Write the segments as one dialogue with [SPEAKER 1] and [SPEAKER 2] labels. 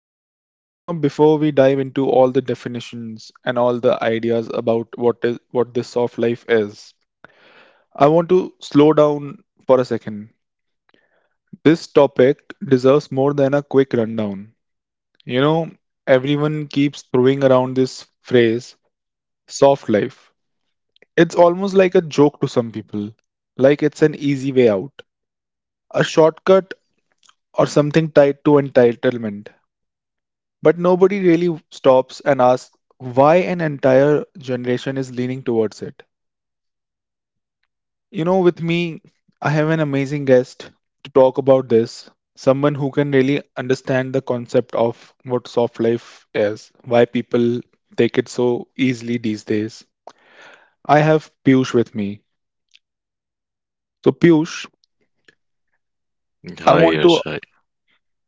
[SPEAKER 1] right. You know, before we dive into all the definitions and all the ideas about what this soft life is, I want to slow down for a second. This topic deserves more than a quick rundown. You know, everyone keeps throwing around this phrase, soft life. It's almost like a joke to some people, like it's an easy way out, a shortcut, or something tied to entitlement. But nobody really stops and asks why an entire generation is leaning towards it. You know, with me, I have an amazing guest to talk about this. Someone who can really understand the concept of what soft life is, why people take it so easily these days. I have Piyush with me. So, Piyush, I
[SPEAKER 2] Hi,
[SPEAKER 1] want to.
[SPEAKER 2] Yash. Hi.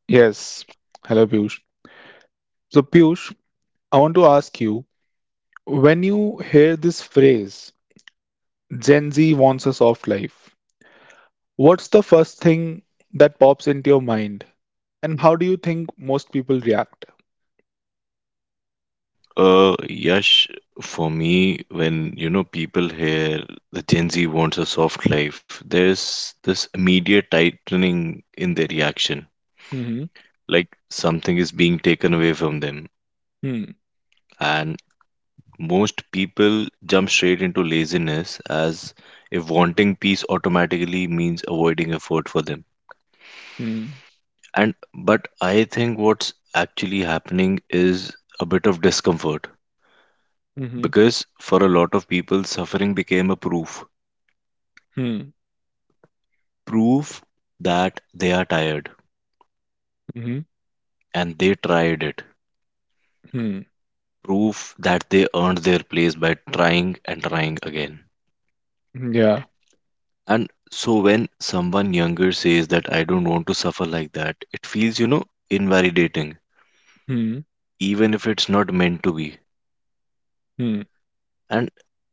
[SPEAKER 1] Yes. Hello, Piyush. So, Piyush, I want to ask you, when you hear this phrase, Gen Z wants a soft life, what's the first thing that pops into your mind? And how do you think most people react?
[SPEAKER 2] Yash, for me, when people hear the Gen Z wants a soft life, there's this immediate tightening in their reaction,
[SPEAKER 1] Mm-hmm.
[SPEAKER 2] like something is being taken away from them.
[SPEAKER 1] Hmm.
[SPEAKER 2] And most people jump straight into laziness as if wanting peace automatically means avoiding effort for them.
[SPEAKER 1] Hmm.
[SPEAKER 2] And but I think what's actually happening is a bit of discomfort.
[SPEAKER 1] Hmm.
[SPEAKER 2] Because for a lot of people, suffering became a proof.
[SPEAKER 1] Hmm. Hmm.
[SPEAKER 2] Proof that they are tired and they tried it.
[SPEAKER 1] Hmm. Hmm.
[SPEAKER 2] Proof that they earned their place by trying and trying again.
[SPEAKER 1] Yeah.
[SPEAKER 2] And so when someone younger says that I don't want to suffer like that, it feels, invalidating,
[SPEAKER 1] Hmm.
[SPEAKER 2] even if it's not meant to be.
[SPEAKER 1] Hmm.
[SPEAKER 2] And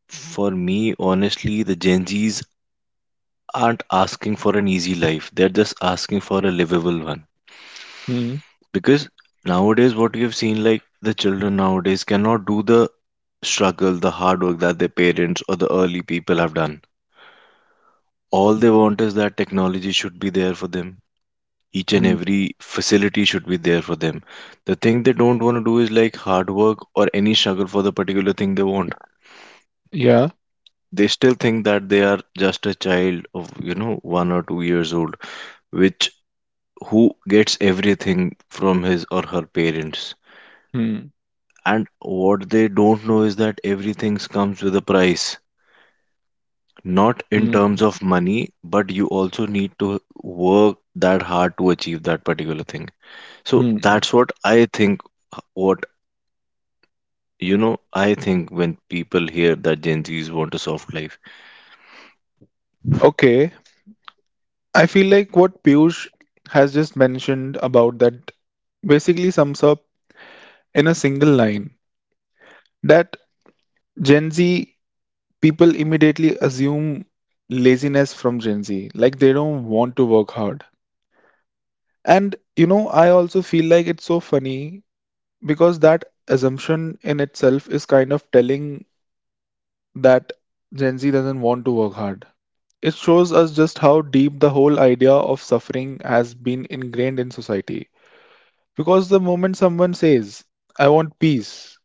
[SPEAKER 2] for me, honestly, the Gen Zs aren't asking for an easy life, they're just asking for a livable one.
[SPEAKER 1] Hmm.
[SPEAKER 2] Because nowadays, what we have seen, like the children nowadays cannot do the struggle, the hard work that their parents or the early people have done. All they want is that technology should be there for them. Each and
[SPEAKER 1] Hmm.
[SPEAKER 2] every facility should be there for them. The thing they don't want to do is like hard work or any struggle for the particular thing they want.
[SPEAKER 1] Yeah.
[SPEAKER 2] They still think that they are just a child of, 1 or 2 years old, which who gets everything from his or her parents.
[SPEAKER 1] Hmm.
[SPEAKER 2] And what they don't know is that everything comes with a price, not in
[SPEAKER 1] Hmm.
[SPEAKER 2] terms of money, but you also need to work that hard to achieve that particular thing. So
[SPEAKER 1] Hmm.
[SPEAKER 2] that's what I think. What I think when people hear that Gen Zs want a soft life,
[SPEAKER 1] Okay. I feel like what Piyush has just mentioned about that basically sums up in a single line that Gen Z, people immediately assume laziness from Gen Z. Like they don't want to work hard. And you know, I also feel like it's so funny because that assumption in itself is kind of telling, that Gen Z doesn't want to work hard. It shows us just how deep the whole idea of suffering has been ingrained in society. Because the moment someone says, I want peace,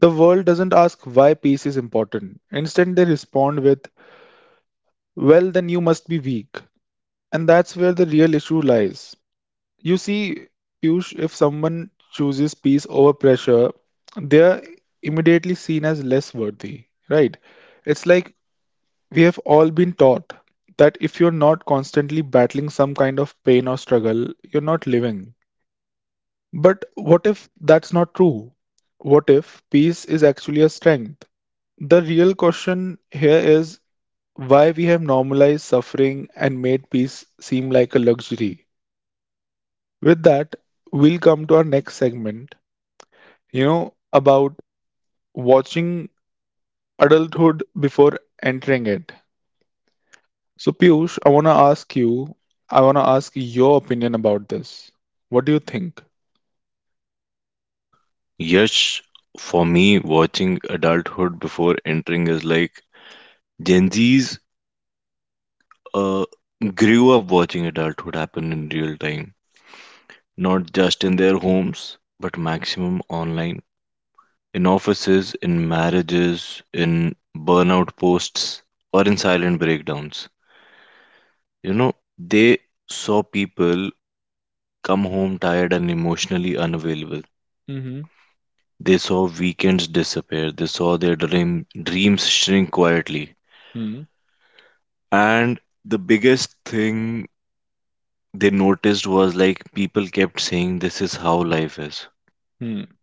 [SPEAKER 1] the world doesn't ask why peace is important. Instead, they respond with, well, then you must be weak. And that's where the real issue lies. You see, Piyush, if someone chooses peace over pressure, they are immediately seen as less worthy, right? It's like we have all been taught that if you're not constantly battling some kind of pain or struggle, you're not living. But what if that's not true? What if peace is actually a strength? The real question here is why we have normalized suffering and made peace seem like a luxury. With that, we'll come to our next segment, you know, about watching adulthood before entering it. So, Piyush, I want to ask you, I want to ask your opinion about this. What do you think?
[SPEAKER 2] yes, for me, watching adulthood before entering is like Gen Zs uh, grew up watching adulthood happen in real time, not just in their homes, but maximum online, in offices, in marriages, in burnout posts, or in silent breakdowns. They saw people come home tired and emotionally unavailable.
[SPEAKER 1] Mm-hmm.
[SPEAKER 2] They saw weekends disappear. They saw their dreams shrink quietly.
[SPEAKER 1] Hmm.
[SPEAKER 2] And the biggest thing they noticed was like people kept saying, "This is how life is."
[SPEAKER 1] Hmm.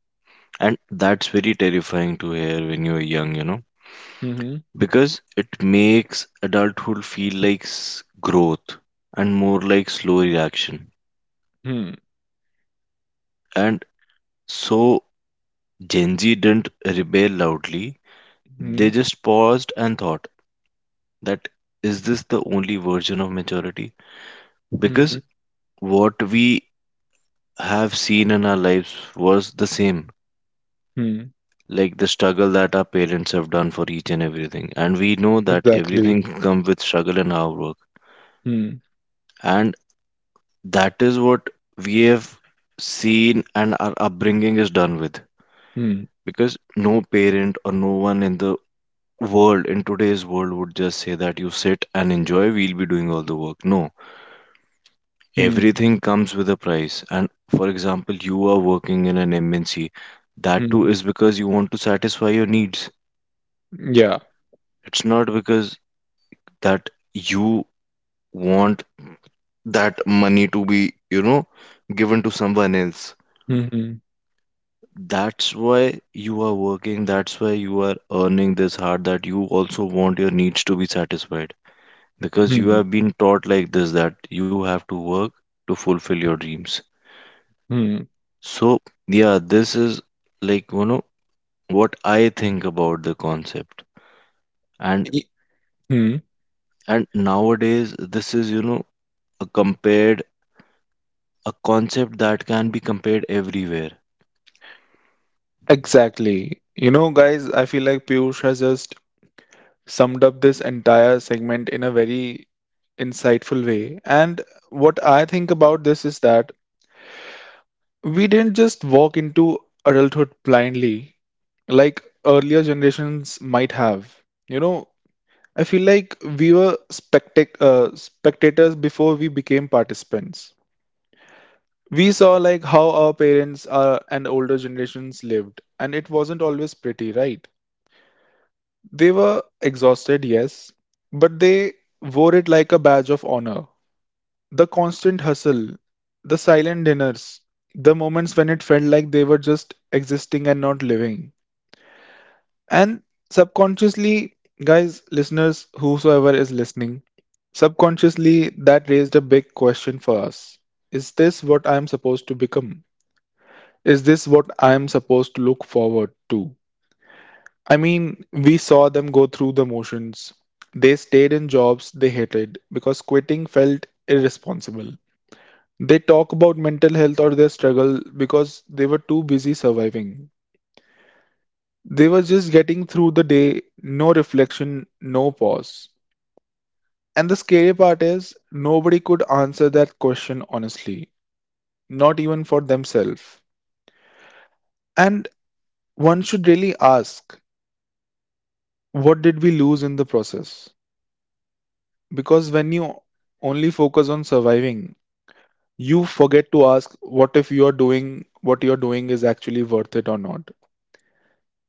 [SPEAKER 2] And that's very terrifying to hear when you're young.
[SPEAKER 1] Hmm.
[SPEAKER 2] Because it makes adulthood feel like growth and more like slow reaction.
[SPEAKER 1] Hmm.
[SPEAKER 2] And so Gen Z didn't rebel loudly, they
[SPEAKER 1] Hmm.
[SPEAKER 2] just paused and thought, that is this the only version of maturity?
[SPEAKER 1] Hmm.
[SPEAKER 2] Because what we have seen in our lives was the same.
[SPEAKER 1] Hmm.
[SPEAKER 2] Like the struggle that our parents have done for each and everything. And we know that
[SPEAKER 1] Exactly.
[SPEAKER 2] everything comes with struggle in our work.
[SPEAKER 1] Hmm.
[SPEAKER 2] And that is what we have seen, and our upbringing is done with.
[SPEAKER 1] Hmm.
[SPEAKER 2] Because no parent or no one in the world in today's world would just say that you sit and enjoy, we'll be doing all the work. No,
[SPEAKER 1] Hmm.
[SPEAKER 2] everything comes with a price. And for example, you are working in an MNC, that too
[SPEAKER 1] Hmm.
[SPEAKER 2] is because you want to satisfy your needs.
[SPEAKER 1] Yeah.
[SPEAKER 2] It's not because that you want that money to be given to someone else.
[SPEAKER 1] Hmm.
[SPEAKER 2] That's why you are working, that's why you are earning this hard, that you also want your needs to be satisfied. Because you
[SPEAKER 1] Hmm.
[SPEAKER 2] have been taught like this that you have to work to fulfill your dreams.
[SPEAKER 1] Hmm.
[SPEAKER 2] So, yeah, this is like, what I think about the concept. And
[SPEAKER 1] E- Hmm.
[SPEAKER 2] and nowadays this is, a compared a concept that can be compared everywhere.
[SPEAKER 1] Exactly. You know, guys, I feel like Piyush has just summed up this entire segment in a very insightful way. And what I think about this is that we didn't just walk into adulthood blindly, like earlier generations might have. You know, I feel like we were spectators before we became participants. We saw like how our parents and older generations lived, and it wasn't always pretty, right? They were exhausted, yes, but they wore it like a badge of honor. The constant hustle, the silent dinners, the moments when it felt like they were just existing and not living. And subconsciously, guys, listeners, whosoever is listening, subconsciously that raised a big question for us. Is this what I am supposed to become? Is this what I am supposed to look forward to? I mean, we saw them go through the motions. They stayed in jobs they hated because quitting felt irresponsible. They talk about mental health or their struggle because they were too busy surviving. They were just getting through the day, no reflection, no pause. And the scary part is, nobody could answer that question honestly, not even for themselves. And one should really ask, what did we lose in the process? Because when you only focus on surviving, you forget to ask, what if you are doing what you're doing is actually worth it or not.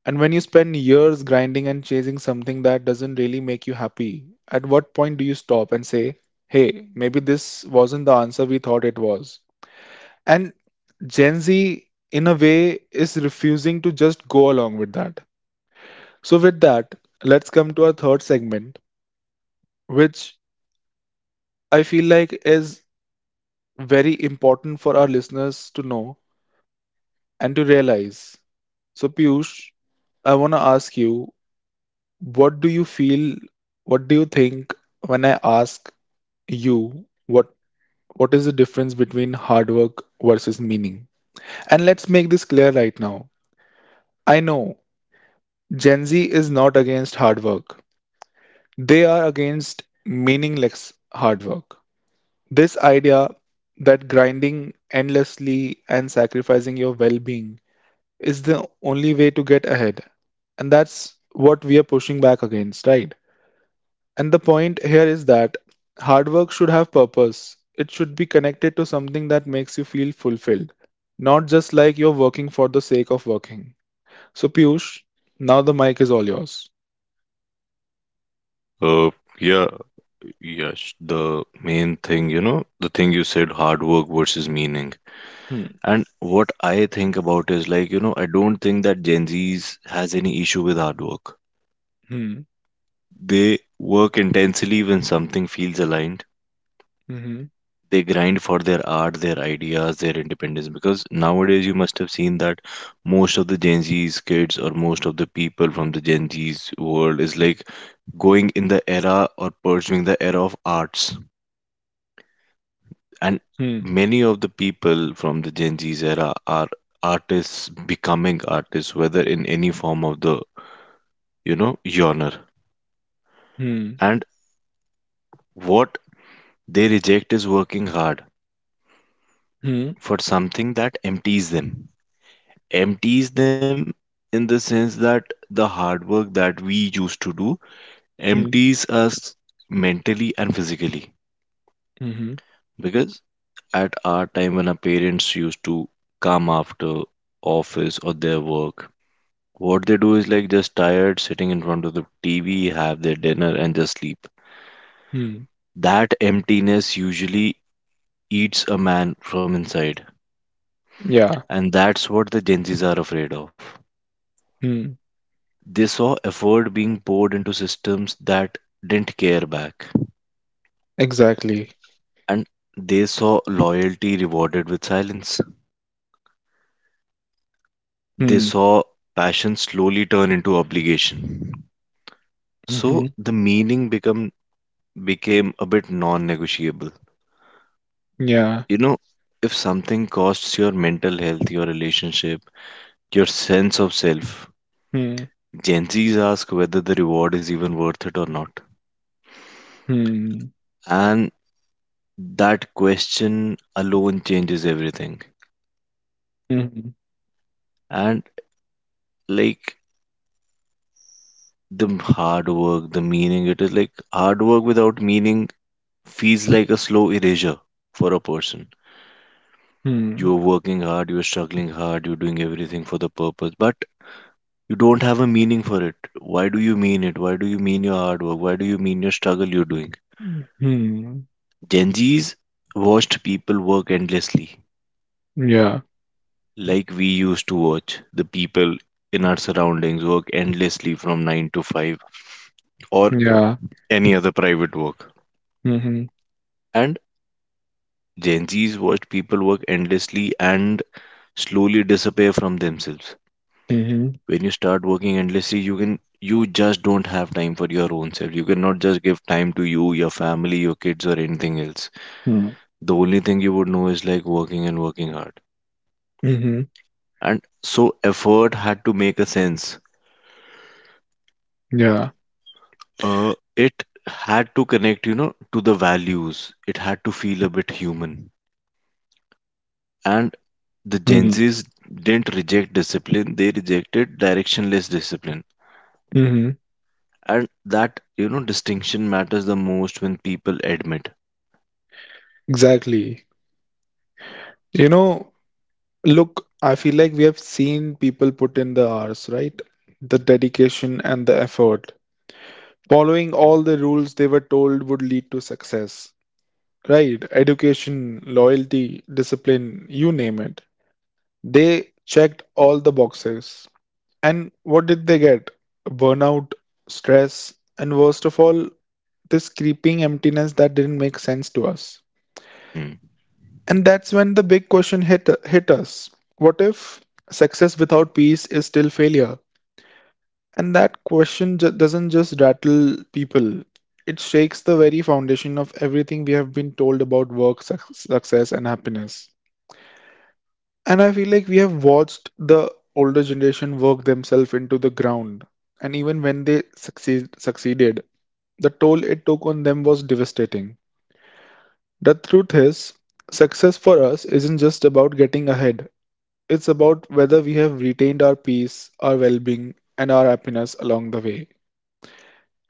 [SPEAKER 1] And when you spend years grinding and chasing something that doesn't really make you happy, at what point do you stop and say, hey, maybe this wasn't the answer we thought it was? And Gen Z, in a way, is refusing to just go along with that. So, with that, let's come to our third segment, which I feel like is very important for our listeners to know and to realize. So, Piyush, I want to ask you, what do you feel, what do you think when I ask you, what is the difference between hard work versus meaning? And let's make this clear right now. I know Gen Z is not against hard work, they are against meaningless hard work. This idea that grinding endlessly and sacrificing your well-being is the only way to get ahead, and that's what we are pushing back against, right? And the point here is that hard work should have purpose. It should be connected to something that makes you feel fulfilled, not just like you're working for the sake of working. So, Piyush, now the mic is all yours.
[SPEAKER 2] Uh, yeah, yes, the main thing, the thing you said, hard work versus meaning.
[SPEAKER 1] Hmm.
[SPEAKER 2] And what I think about is like, I don't think that Gen Z's has any issue with hard work.
[SPEAKER 1] Hmm.
[SPEAKER 2] They work intensely when something feels aligned.
[SPEAKER 1] Mhm.
[SPEAKER 2] They grind for their art, their ideas, their independence. Because nowadays you must have seen that most of the Gen Z's kids or most of the people from the Gen Z's world is like going in the era or pursuing the era of arts. And
[SPEAKER 1] Hmm.
[SPEAKER 2] many of the people from the Gen Z's era are artists becoming artists, whether in any form of the yawner.
[SPEAKER 1] Hmm.
[SPEAKER 2] And what they reject is working hard
[SPEAKER 1] Hmm.
[SPEAKER 2] for something that empties them. Empties them in the sense that the hard work that we used to do empties
[SPEAKER 1] Hmm.
[SPEAKER 2] us mentally and physically.
[SPEAKER 1] Mhm.
[SPEAKER 2] Because at our time when our parents used to come after office or their work, what they do is like just tired, sitting in front of the TV, have their dinner, and just sleep.
[SPEAKER 1] Hmm.
[SPEAKER 2] That emptiness usually eats a man from inside.
[SPEAKER 1] Yeah.
[SPEAKER 2] And that's what the Gen Zs are afraid of.
[SPEAKER 1] Hmm.
[SPEAKER 2] They saw effort being poured into systems that didn't care back.
[SPEAKER 1] Exactly.
[SPEAKER 2] And they saw loyalty rewarded with silence. They
[SPEAKER 1] Hmm.
[SPEAKER 2] saw passion slowly turn into obligation.
[SPEAKER 1] Hmm.
[SPEAKER 2] So the meaning become became a bit non-negotiable.
[SPEAKER 1] Yeah.
[SPEAKER 2] You know, if something costs your mental health, your relationship, your sense of self,
[SPEAKER 1] Hmm.
[SPEAKER 2] Gen Zs ask whether the reward is even worth it or not.
[SPEAKER 1] Hmm.
[SPEAKER 2] And that question alone changes everything.
[SPEAKER 1] Hmm.
[SPEAKER 2] And like the hard work, the meaning, it is like hard work without meaning feels like a slow erasure for a person.
[SPEAKER 1] Hmm.
[SPEAKER 2] You're working hard, you're struggling hard, you're doing everything for the purpose, but you don't have a meaning for it. Why do you mean it? Why do you mean your hard work? Why do you mean your struggle you're doing?
[SPEAKER 1] Hmm.
[SPEAKER 2] Gen Z's watched people work endlessly,
[SPEAKER 1] Yeah.
[SPEAKER 2] like we used to watch the people in our surroundings work endlessly from 9 to 5, or
[SPEAKER 1] Yeah.
[SPEAKER 2] any other private work.
[SPEAKER 1] Hmm.
[SPEAKER 2] And Gen Zs watched people work endlessly and slowly disappear from themselves.
[SPEAKER 1] Hmm.
[SPEAKER 2] When you start working endlessly, you just don't have time for your own self. You cannot just give time to you, your family, your kids, or anything else.
[SPEAKER 1] Hmm.
[SPEAKER 2] The only thing you would know is like working and working hard.
[SPEAKER 1] Hmm.
[SPEAKER 2] And so effort had to make a sense.
[SPEAKER 1] Yeah.
[SPEAKER 2] It had to connect, to the values. It had to feel a bit human. And the Gen
[SPEAKER 1] Mhm.
[SPEAKER 2] Zs didn't reject discipline, they rejected directionless discipline.
[SPEAKER 1] Mhm.
[SPEAKER 2] And that, distinction matters the most when people admit.
[SPEAKER 1] Exactly. You know, look, I feel like we have seen people put in the hours, right? The dedication and the effort. Following all the rules they were told would lead to success, right? Education, loyalty, discipline, you name it. They checked all the boxes. And what did they get? Burnout, stress, and worst of all, this creeping emptiness that didn't make sense to us.
[SPEAKER 2] Hmm.
[SPEAKER 1] And that's when the big question hit us. What if success without peace is still failure? And that question doesn't just rattle people, it shakes the very foundation of everything we have been told about work, success, and happiness. And I feel like we have watched the older generation work themselves into the ground. And even when they succeeded, the toll it took on them was devastating. The truth is, success for us isn't just about getting ahead. It's about whether we have retained our peace, our well being, and our happiness along the way.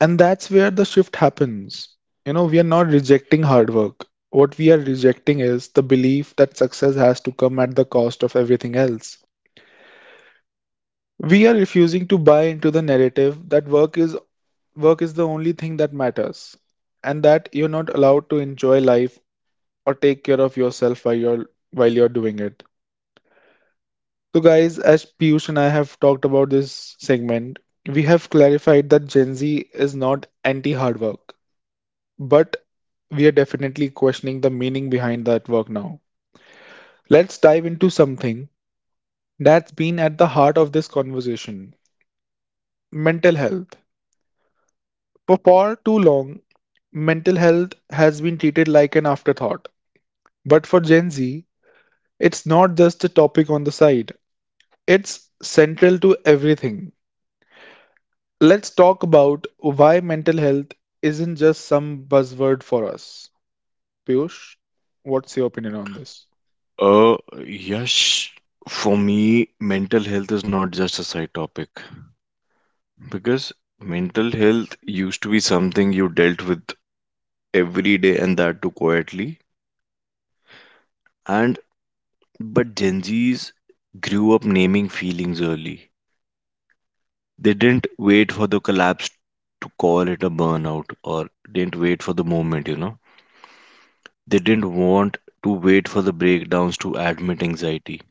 [SPEAKER 1] And that's where the shift happens. You know, we are not rejecting hard work. What we are rejecting is the belief that success has to come at the cost of everything else. We are refusing to buy into the narrative that work is the only thing that matters, and that you're not allowed to enjoy life or take care of yourself while you're doing it. So, guys, as Piyush and I have talked about this segment, we have clarified that Gen Z is not anti hard work, but we are definitely questioning the meaning behind that work now. Let's dive into something that's been at the heart of this conversation: mental health. For far too long, mental health has been treated like an afterthought. But for Gen Z, it's not just a topic on the side, it's central to everything. Let's talk about why mental health isn't just some buzzword for us. Piyush, what's your opinion on this?
[SPEAKER 2] Uh, yes, for me, mental health is not just a side topic because mental health used to be something you dealt with every day and that too quietly. And but Gen Zs grew up naming feelings early. They didn't wait for the collapse to call it a burnout or didn't wait for the moment. They didn't want to wait for the breakdowns to admit anxiety.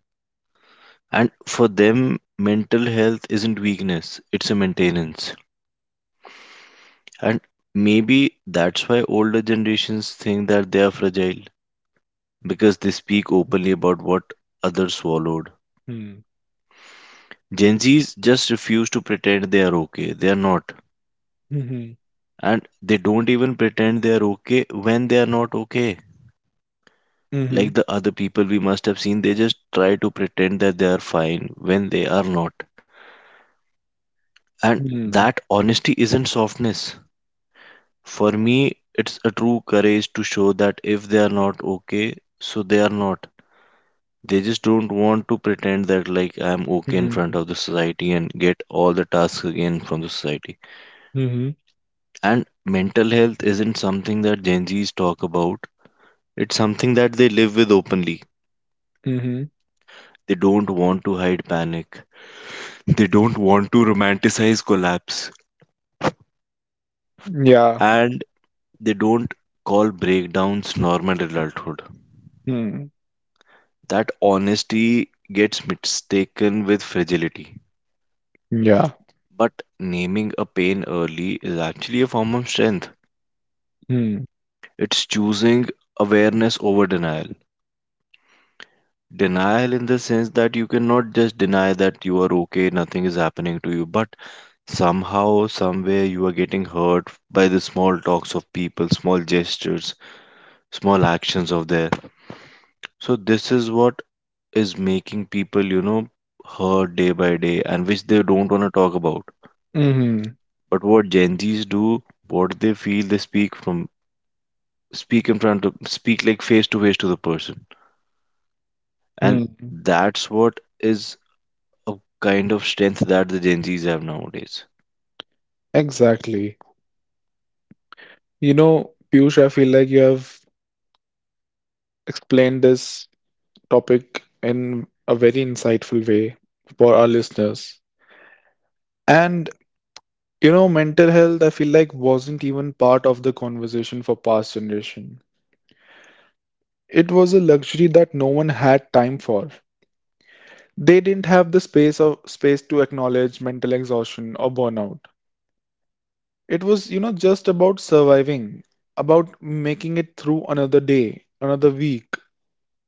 [SPEAKER 2] And for them, mental health isn't weakness, it's a maintenance. And maybe that's why older generations think that they are fragile because they speak openly about what others swallowed.
[SPEAKER 1] Hmm.
[SPEAKER 2] Gen Zs just refuse to pretend they are okay. They are not.
[SPEAKER 1] Mhm.
[SPEAKER 2] And they don't even pretend they are okay when they are not okay.
[SPEAKER 1] Mhm.
[SPEAKER 2] Like the other people we must have seen, they just try to pretend that they are fine when they are not. And
[SPEAKER 1] Hmm.
[SPEAKER 2] that honesty isn't softness. For me, it's a true courage to show that if they are not okay, so they are not. They just don't want to pretend that, like, I'm okay in front
[SPEAKER 1] Mhm.
[SPEAKER 2] of the society and get all the tasks again from the society.
[SPEAKER 1] Mhm.
[SPEAKER 2] And mental health isn't something that Gen Zs talk about, it's something that they live with openly.
[SPEAKER 1] Mhm.
[SPEAKER 2] They don't want to hide panic. They don't want to romanticize collapse,
[SPEAKER 1] Yeah.
[SPEAKER 2] and they don't call breakdowns normal adulthood.
[SPEAKER 1] Hmm.
[SPEAKER 2] That honesty gets mistaken with fragility.
[SPEAKER 1] Yeah.
[SPEAKER 2] But naming a pain early is actually a form of strength.
[SPEAKER 1] Hmm.
[SPEAKER 2] It's choosing awareness over denial. Denial in the sense that you cannot just deny that you are okay, nothing is happening to you, but somehow, somewhere, you are getting hurt by the small talks of people, small gestures, small actions of their. So this is what is making people, hurt day by day and which they don't want to talk about.
[SPEAKER 1] Mhm.
[SPEAKER 2] But what Gen Z's do, what they feel, they speak from speak in front of speak like face to face to the person. And
[SPEAKER 1] Hmm.
[SPEAKER 2] that's what is a kind of strength that the Gen Z's have nowadays.
[SPEAKER 1] Exactly. You know, Piyush, I feel like you have explained this topic in a very insightful way for our listeners. And you know, mental health, I feel like wasn't even part of the conversation for past generation. It was a luxury that no one had time for. They didn't have the space to acknowledge mental exhaustion or burnout. It was, you know, just about surviving, about making it through another day, another week.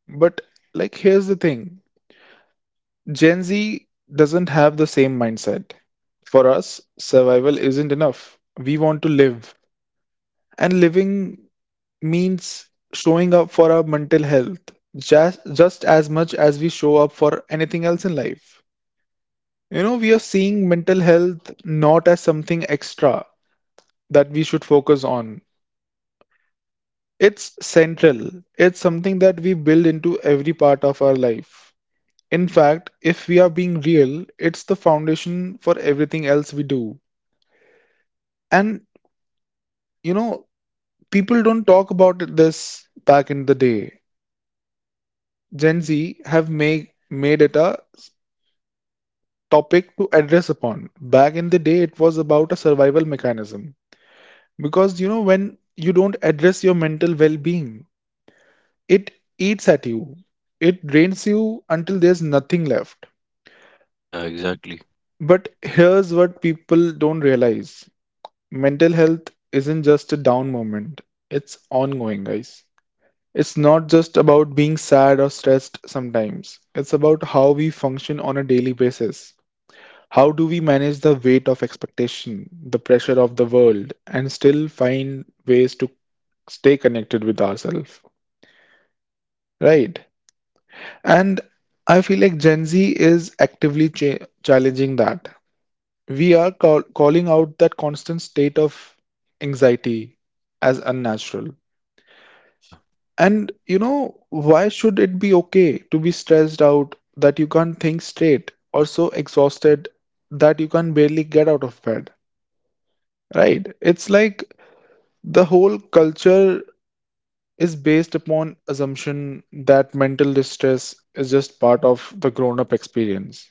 [SPEAKER 1] But like, here's the thing, Gen Z doesn't have the same mindset. For us, survival isn't enough. We want to live. And living means showing up for our mental health just as much as we show up for anything else in life. You know, we are seeing mental health not as something extra that we should focus on, it's central. It's something that we build into every part of our life. In fact, if we are being real, it's the foundation for everything else we do. And you know, people don't talk about it this back in the day. Gen Z have made it a topic to address upon. Back in the day, it was about a survival mechanism. Because, you know, when you don't address your mental well being, it eats at you, it drains you until there's nothing left.
[SPEAKER 2] Yeah, exactly.
[SPEAKER 1] But here's what people don't realize, mental health isn't just a down moment, it's ongoing, guys. It's not just about being sad or stressed sometimes, it's about how we function on a daily basis. How do we manage the weight of expectation, the pressure of the world, and still find ways to stay connected with ourselves? Right. And I feel like Gen Z is actively challenging that. We are calling out that constant state of anxiety as unnatural.
[SPEAKER 2] Yeah.
[SPEAKER 1] Why should it be okay to be stressed out that you can't think straight or so exhausted that you can barely get out of bed? Right. It's like the whole culture is based upon assumption that mental distress is just part of the grown-up experience.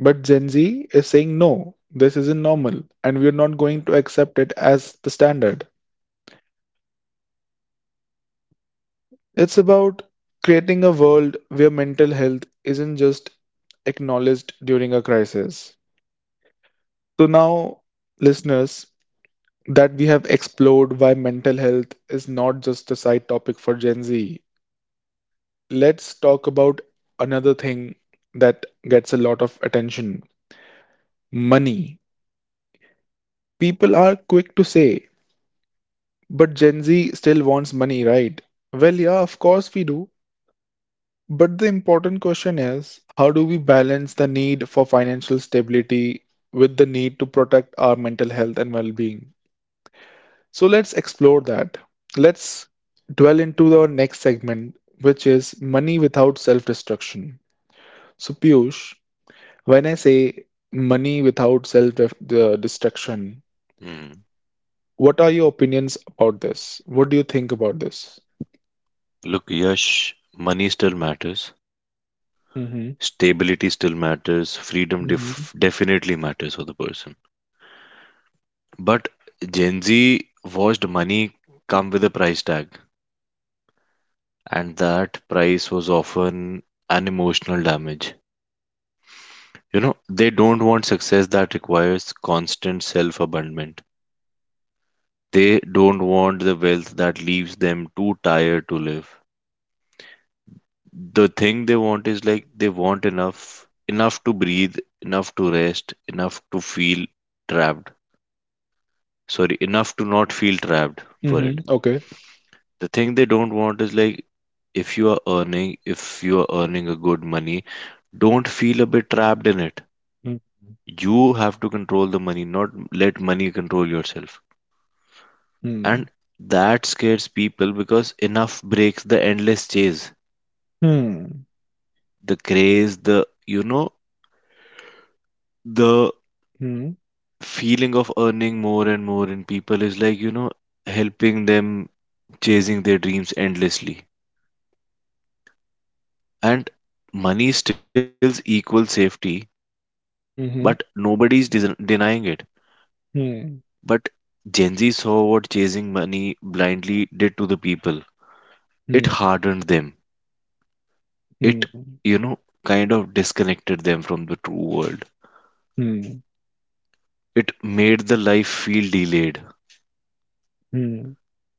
[SPEAKER 1] But Gen Z is saying no, this isn't normal, and we're not going to accept it as the standard. It's about creating a world where mental health isn't just acknowledged during a crisis. So now, listeners, that we have explored why mental health is not just a side topic for Gen Z, let's talk about another thing that gets a lot of attention: money. People are quick to say, but Gen Z still wants money, right? Well, yeah, of course we do. But the important question is, how do we balance the need for financial stability with the need to protect our mental health and well being? So let's explore that. Let's dwell into our next segment, which is money without self destruction. So, Piyush, when I say money without the destruction,
[SPEAKER 2] Hmm.
[SPEAKER 1] what are your opinions about this? What do you think about this?
[SPEAKER 2] Look, Yash, money still matters.
[SPEAKER 1] Mm-hmm.
[SPEAKER 2] Stability still matters. Freedom
[SPEAKER 1] Mm-hmm.
[SPEAKER 2] definitely matters for the person. But Gen Z watched money come with a price tag, and that price was often an emotional damage. They don't want success that requires constant self abandonment. They don't want the wealth that leaves them too tired to live. The thing they want is like they want enough, enough to breathe, enough to rest, enough to feel trapped. Sorry, enough to not feel trapped for it.
[SPEAKER 1] Mm-hmm. Okay.
[SPEAKER 2] The thing they don't want is like, if you are earning a good money, don't feel a bit trapped in it.
[SPEAKER 1] Mm-hmm.
[SPEAKER 2] You have to control the money, not let money control yourself. And
[SPEAKER 1] Hmm.
[SPEAKER 2] that scares people because enough breaks the endless chase,
[SPEAKER 1] Hmm.
[SPEAKER 2] the craze, the you know the
[SPEAKER 1] Hmm.
[SPEAKER 2] feeling of earning more and more in people is like helping them chasing their dreams endlessly. And money still equals safety, but
[SPEAKER 1] Hmm.
[SPEAKER 2] nobody's denying it.
[SPEAKER 1] Hmm.
[SPEAKER 2] But Gen Z saw what chasing money blindly did to the people. It
[SPEAKER 1] Hmm.
[SPEAKER 2] hardened them. It,
[SPEAKER 1] Hmm.
[SPEAKER 2] you know, kind of disconnected them from the true world.
[SPEAKER 1] Hmm. Hmm.
[SPEAKER 2] It made the life feel delayed.
[SPEAKER 1] Hmm.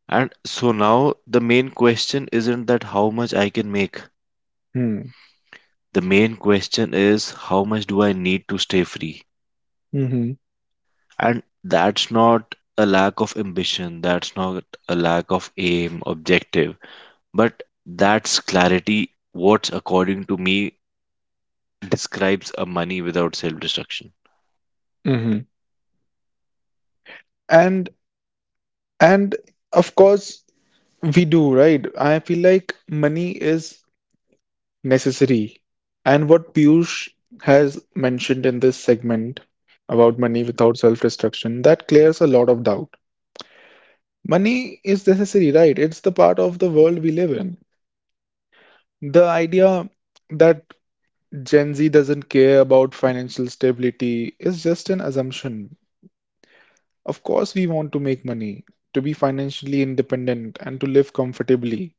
[SPEAKER 2] And so now the main question isn't that how much I can make. The main question is, how much do I need to stay free?
[SPEAKER 1] Hmm.
[SPEAKER 2] And that's not a lack of ambition, that's not a lack of aim, objective, but that's clarity what's according to me describes a money without self-destruction.
[SPEAKER 1] Hmm. And and of course we do, right? I feel like money is necessary. And what Piyush has mentioned in this segment about money without self destruction, that clears a lot of doubt. Money is necessary, right? It's the part of the world we live in. The idea that Gen Z doesn't care about financial stability is just an assumption. Of course, we want to make money, to be financially independent, and to live comfortably.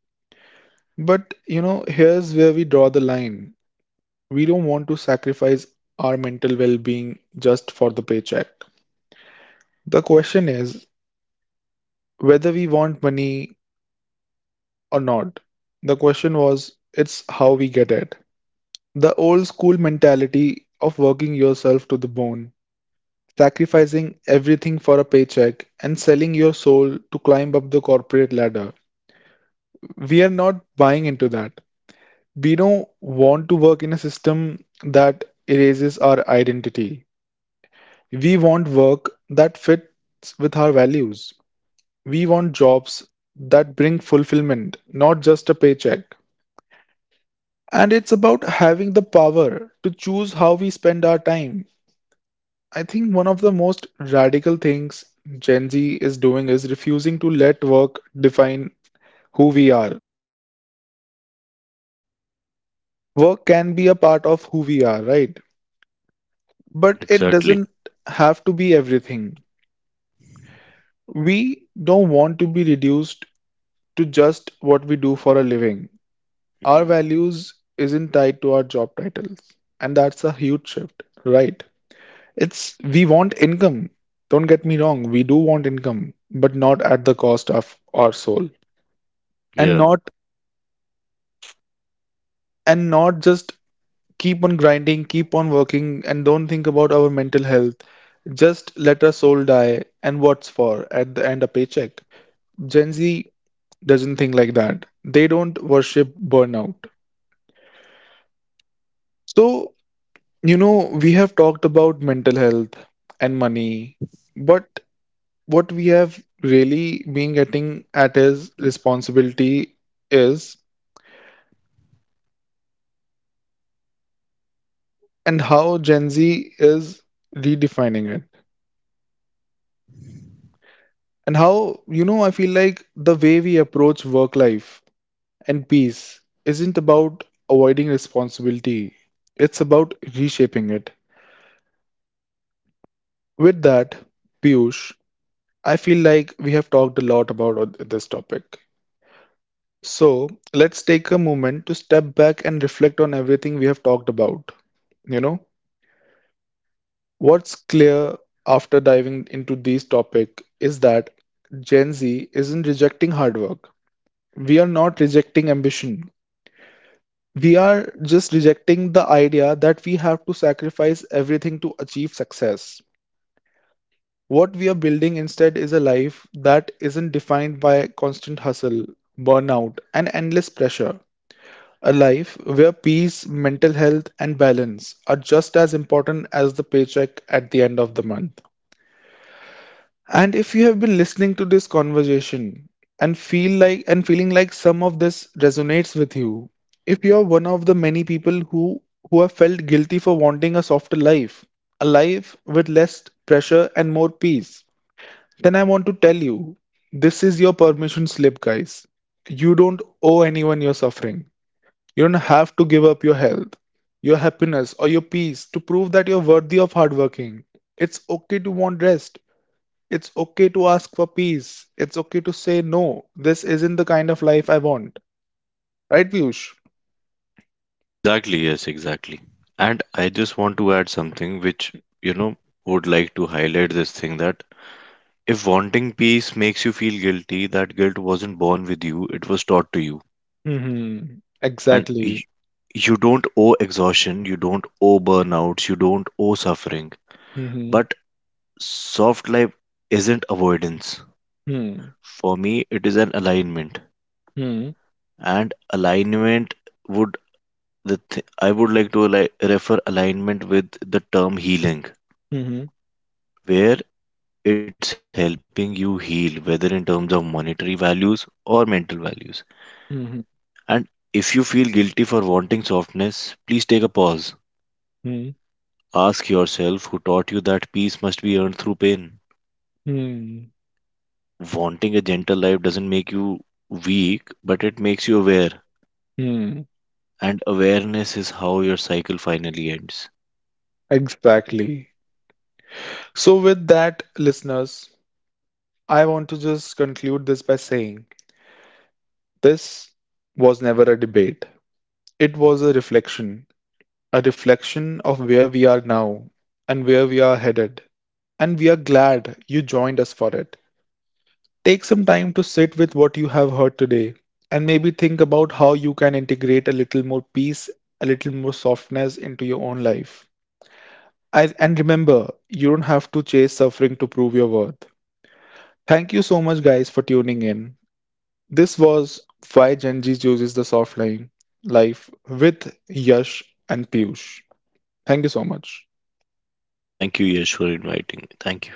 [SPEAKER 1] But, you know, here's where we draw the line. We don't want to sacrifice our mental well being just for the paycheck. The question is whether we want money or not. The question was, it's how we get it. The old school mentality of working yourself to the bone, sacrificing everything for a paycheck, and selling your soul to climb up the corporate ladder. We are not buying into that. We don't want to work in a system that erases our identity. We want work that fits with our values. We want jobs that bring fulfillment, not just a paycheck. And it's about having the power to choose how we spend our time. I think one of the most radical things Gen Z is doing is refusing to let work define who we are. Work can be a part of who we are, right? But it
[SPEAKER 2] Exactly.
[SPEAKER 1] doesn't have to be everything. We don't want to be reduced to just what we do for a living. Our
[SPEAKER 2] Mm.
[SPEAKER 1] values isn't tied to our job titles, and that's a huge shift, right? It's we want income. Don't get me wrong, we do want income, but not at the cost of our soul. And
[SPEAKER 2] Yeah.
[SPEAKER 1] not and not just keep on grinding, keep on working, and don't think about our mental health. Just let our soul die and what's for at the end a paycheck. Gen Z doesn't think like that. They don't worship burnout. So, you know, we have talked about mental health and money, but what we have really been getting at is responsibility is and how Gen Z is redefining it. And how, you know, I feel like the way we approach work life and peace isn't about avoiding responsibility, it's about reshaping it. With that, Piyush, I feel like we have talked a lot about this topic. So let's take a moment to step back and reflect on everything we have talked about. You know, what's clear after diving into this topic is that Gen Z isn't rejecting hard work. We are not rejecting ambition. We are just rejecting the idea that we have to sacrifice everything to achieve success. What we are building instead is a life that isn't defined by constant hustle, burnout, and endless pressure. A life where peace, mental health, and balance are just as important as the paycheck at the end of the month. And if you have been listening to this conversation and feeling like some of this resonates with you, if you are one of the many people who have felt guilty for wanting a softer life, a life with less pressure and more peace, then I want to tell you, this is your permission slip, guys. You don't owe anyone your suffering. You don't have to give up your health, your happiness, or your peace to prove that you're worthy of hard working. It's okay to want rest. It's okay to ask for peace. It's okay to say no. This isn't the kind of life I want. Right, Piyush?
[SPEAKER 2] Exactly, yes, exactly. And I just want to add something which, you know, would like to highlight this thing that if wanting peace makes you feel guilty, that guilt wasn't born with you, it was taught to you.
[SPEAKER 1] Mm-hmm.
[SPEAKER 2] And
[SPEAKER 1] Exactly.
[SPEAKER 2] you don't owe exhaustion, you don't owe burnouts, you don't owe suffering.
[SPEAKER 1] Mm-hmm.
[SPEAKER 2] But soft life isn't avoidance.
[SPEAKER 1] Hmm.
[SPEAKER 2] For me, it is an alignment.
[SPEAKER 1] Hmm.
[SPEAKER 2] And alignment would I would like to refer alignment with the term healing,
[SPEAKER 1] Hmm.
[SPEAKER 2] where it's helping you heal, whether in terms of monetary values or mental values.
[SPEAKER 1] Hmm.
[SPEAKER 2] And if you feel guilty for wanting softness, please take a pause.
[SPEAKER 1] Hmm.
[SPEAKER 2] Ask yourself who taught you that peace must be earned through pain.
[SPEAKER 1] Hmm.
[SPEAKER 2] Wanting a gentle life doesn't make you weak, but it makes you aware.
[SPEAKER 1] Hmm.
[SPEAKER 2] And awareness is how your cycle finally ends.
[SPEAKER 1] Exactly. So, with that, listeners, I want to just conclude this by saying this was never a debate. It was a reflection of where we are now and where we are headed. And we are glad you joined us for it. Take some time to sit with what you have heard today and maybe think about how you can integrate a little more peace, a little more softness into your own life. And remember, you don't have to chase suffering to prove your worth. Thank you so much, guys, for tuning in. This was why Gen Z chooses the soft line life with Yash and Piyush. Thank you so much.
[SPEAKER 2] Thank you, Yash, for inviting me. Thank you.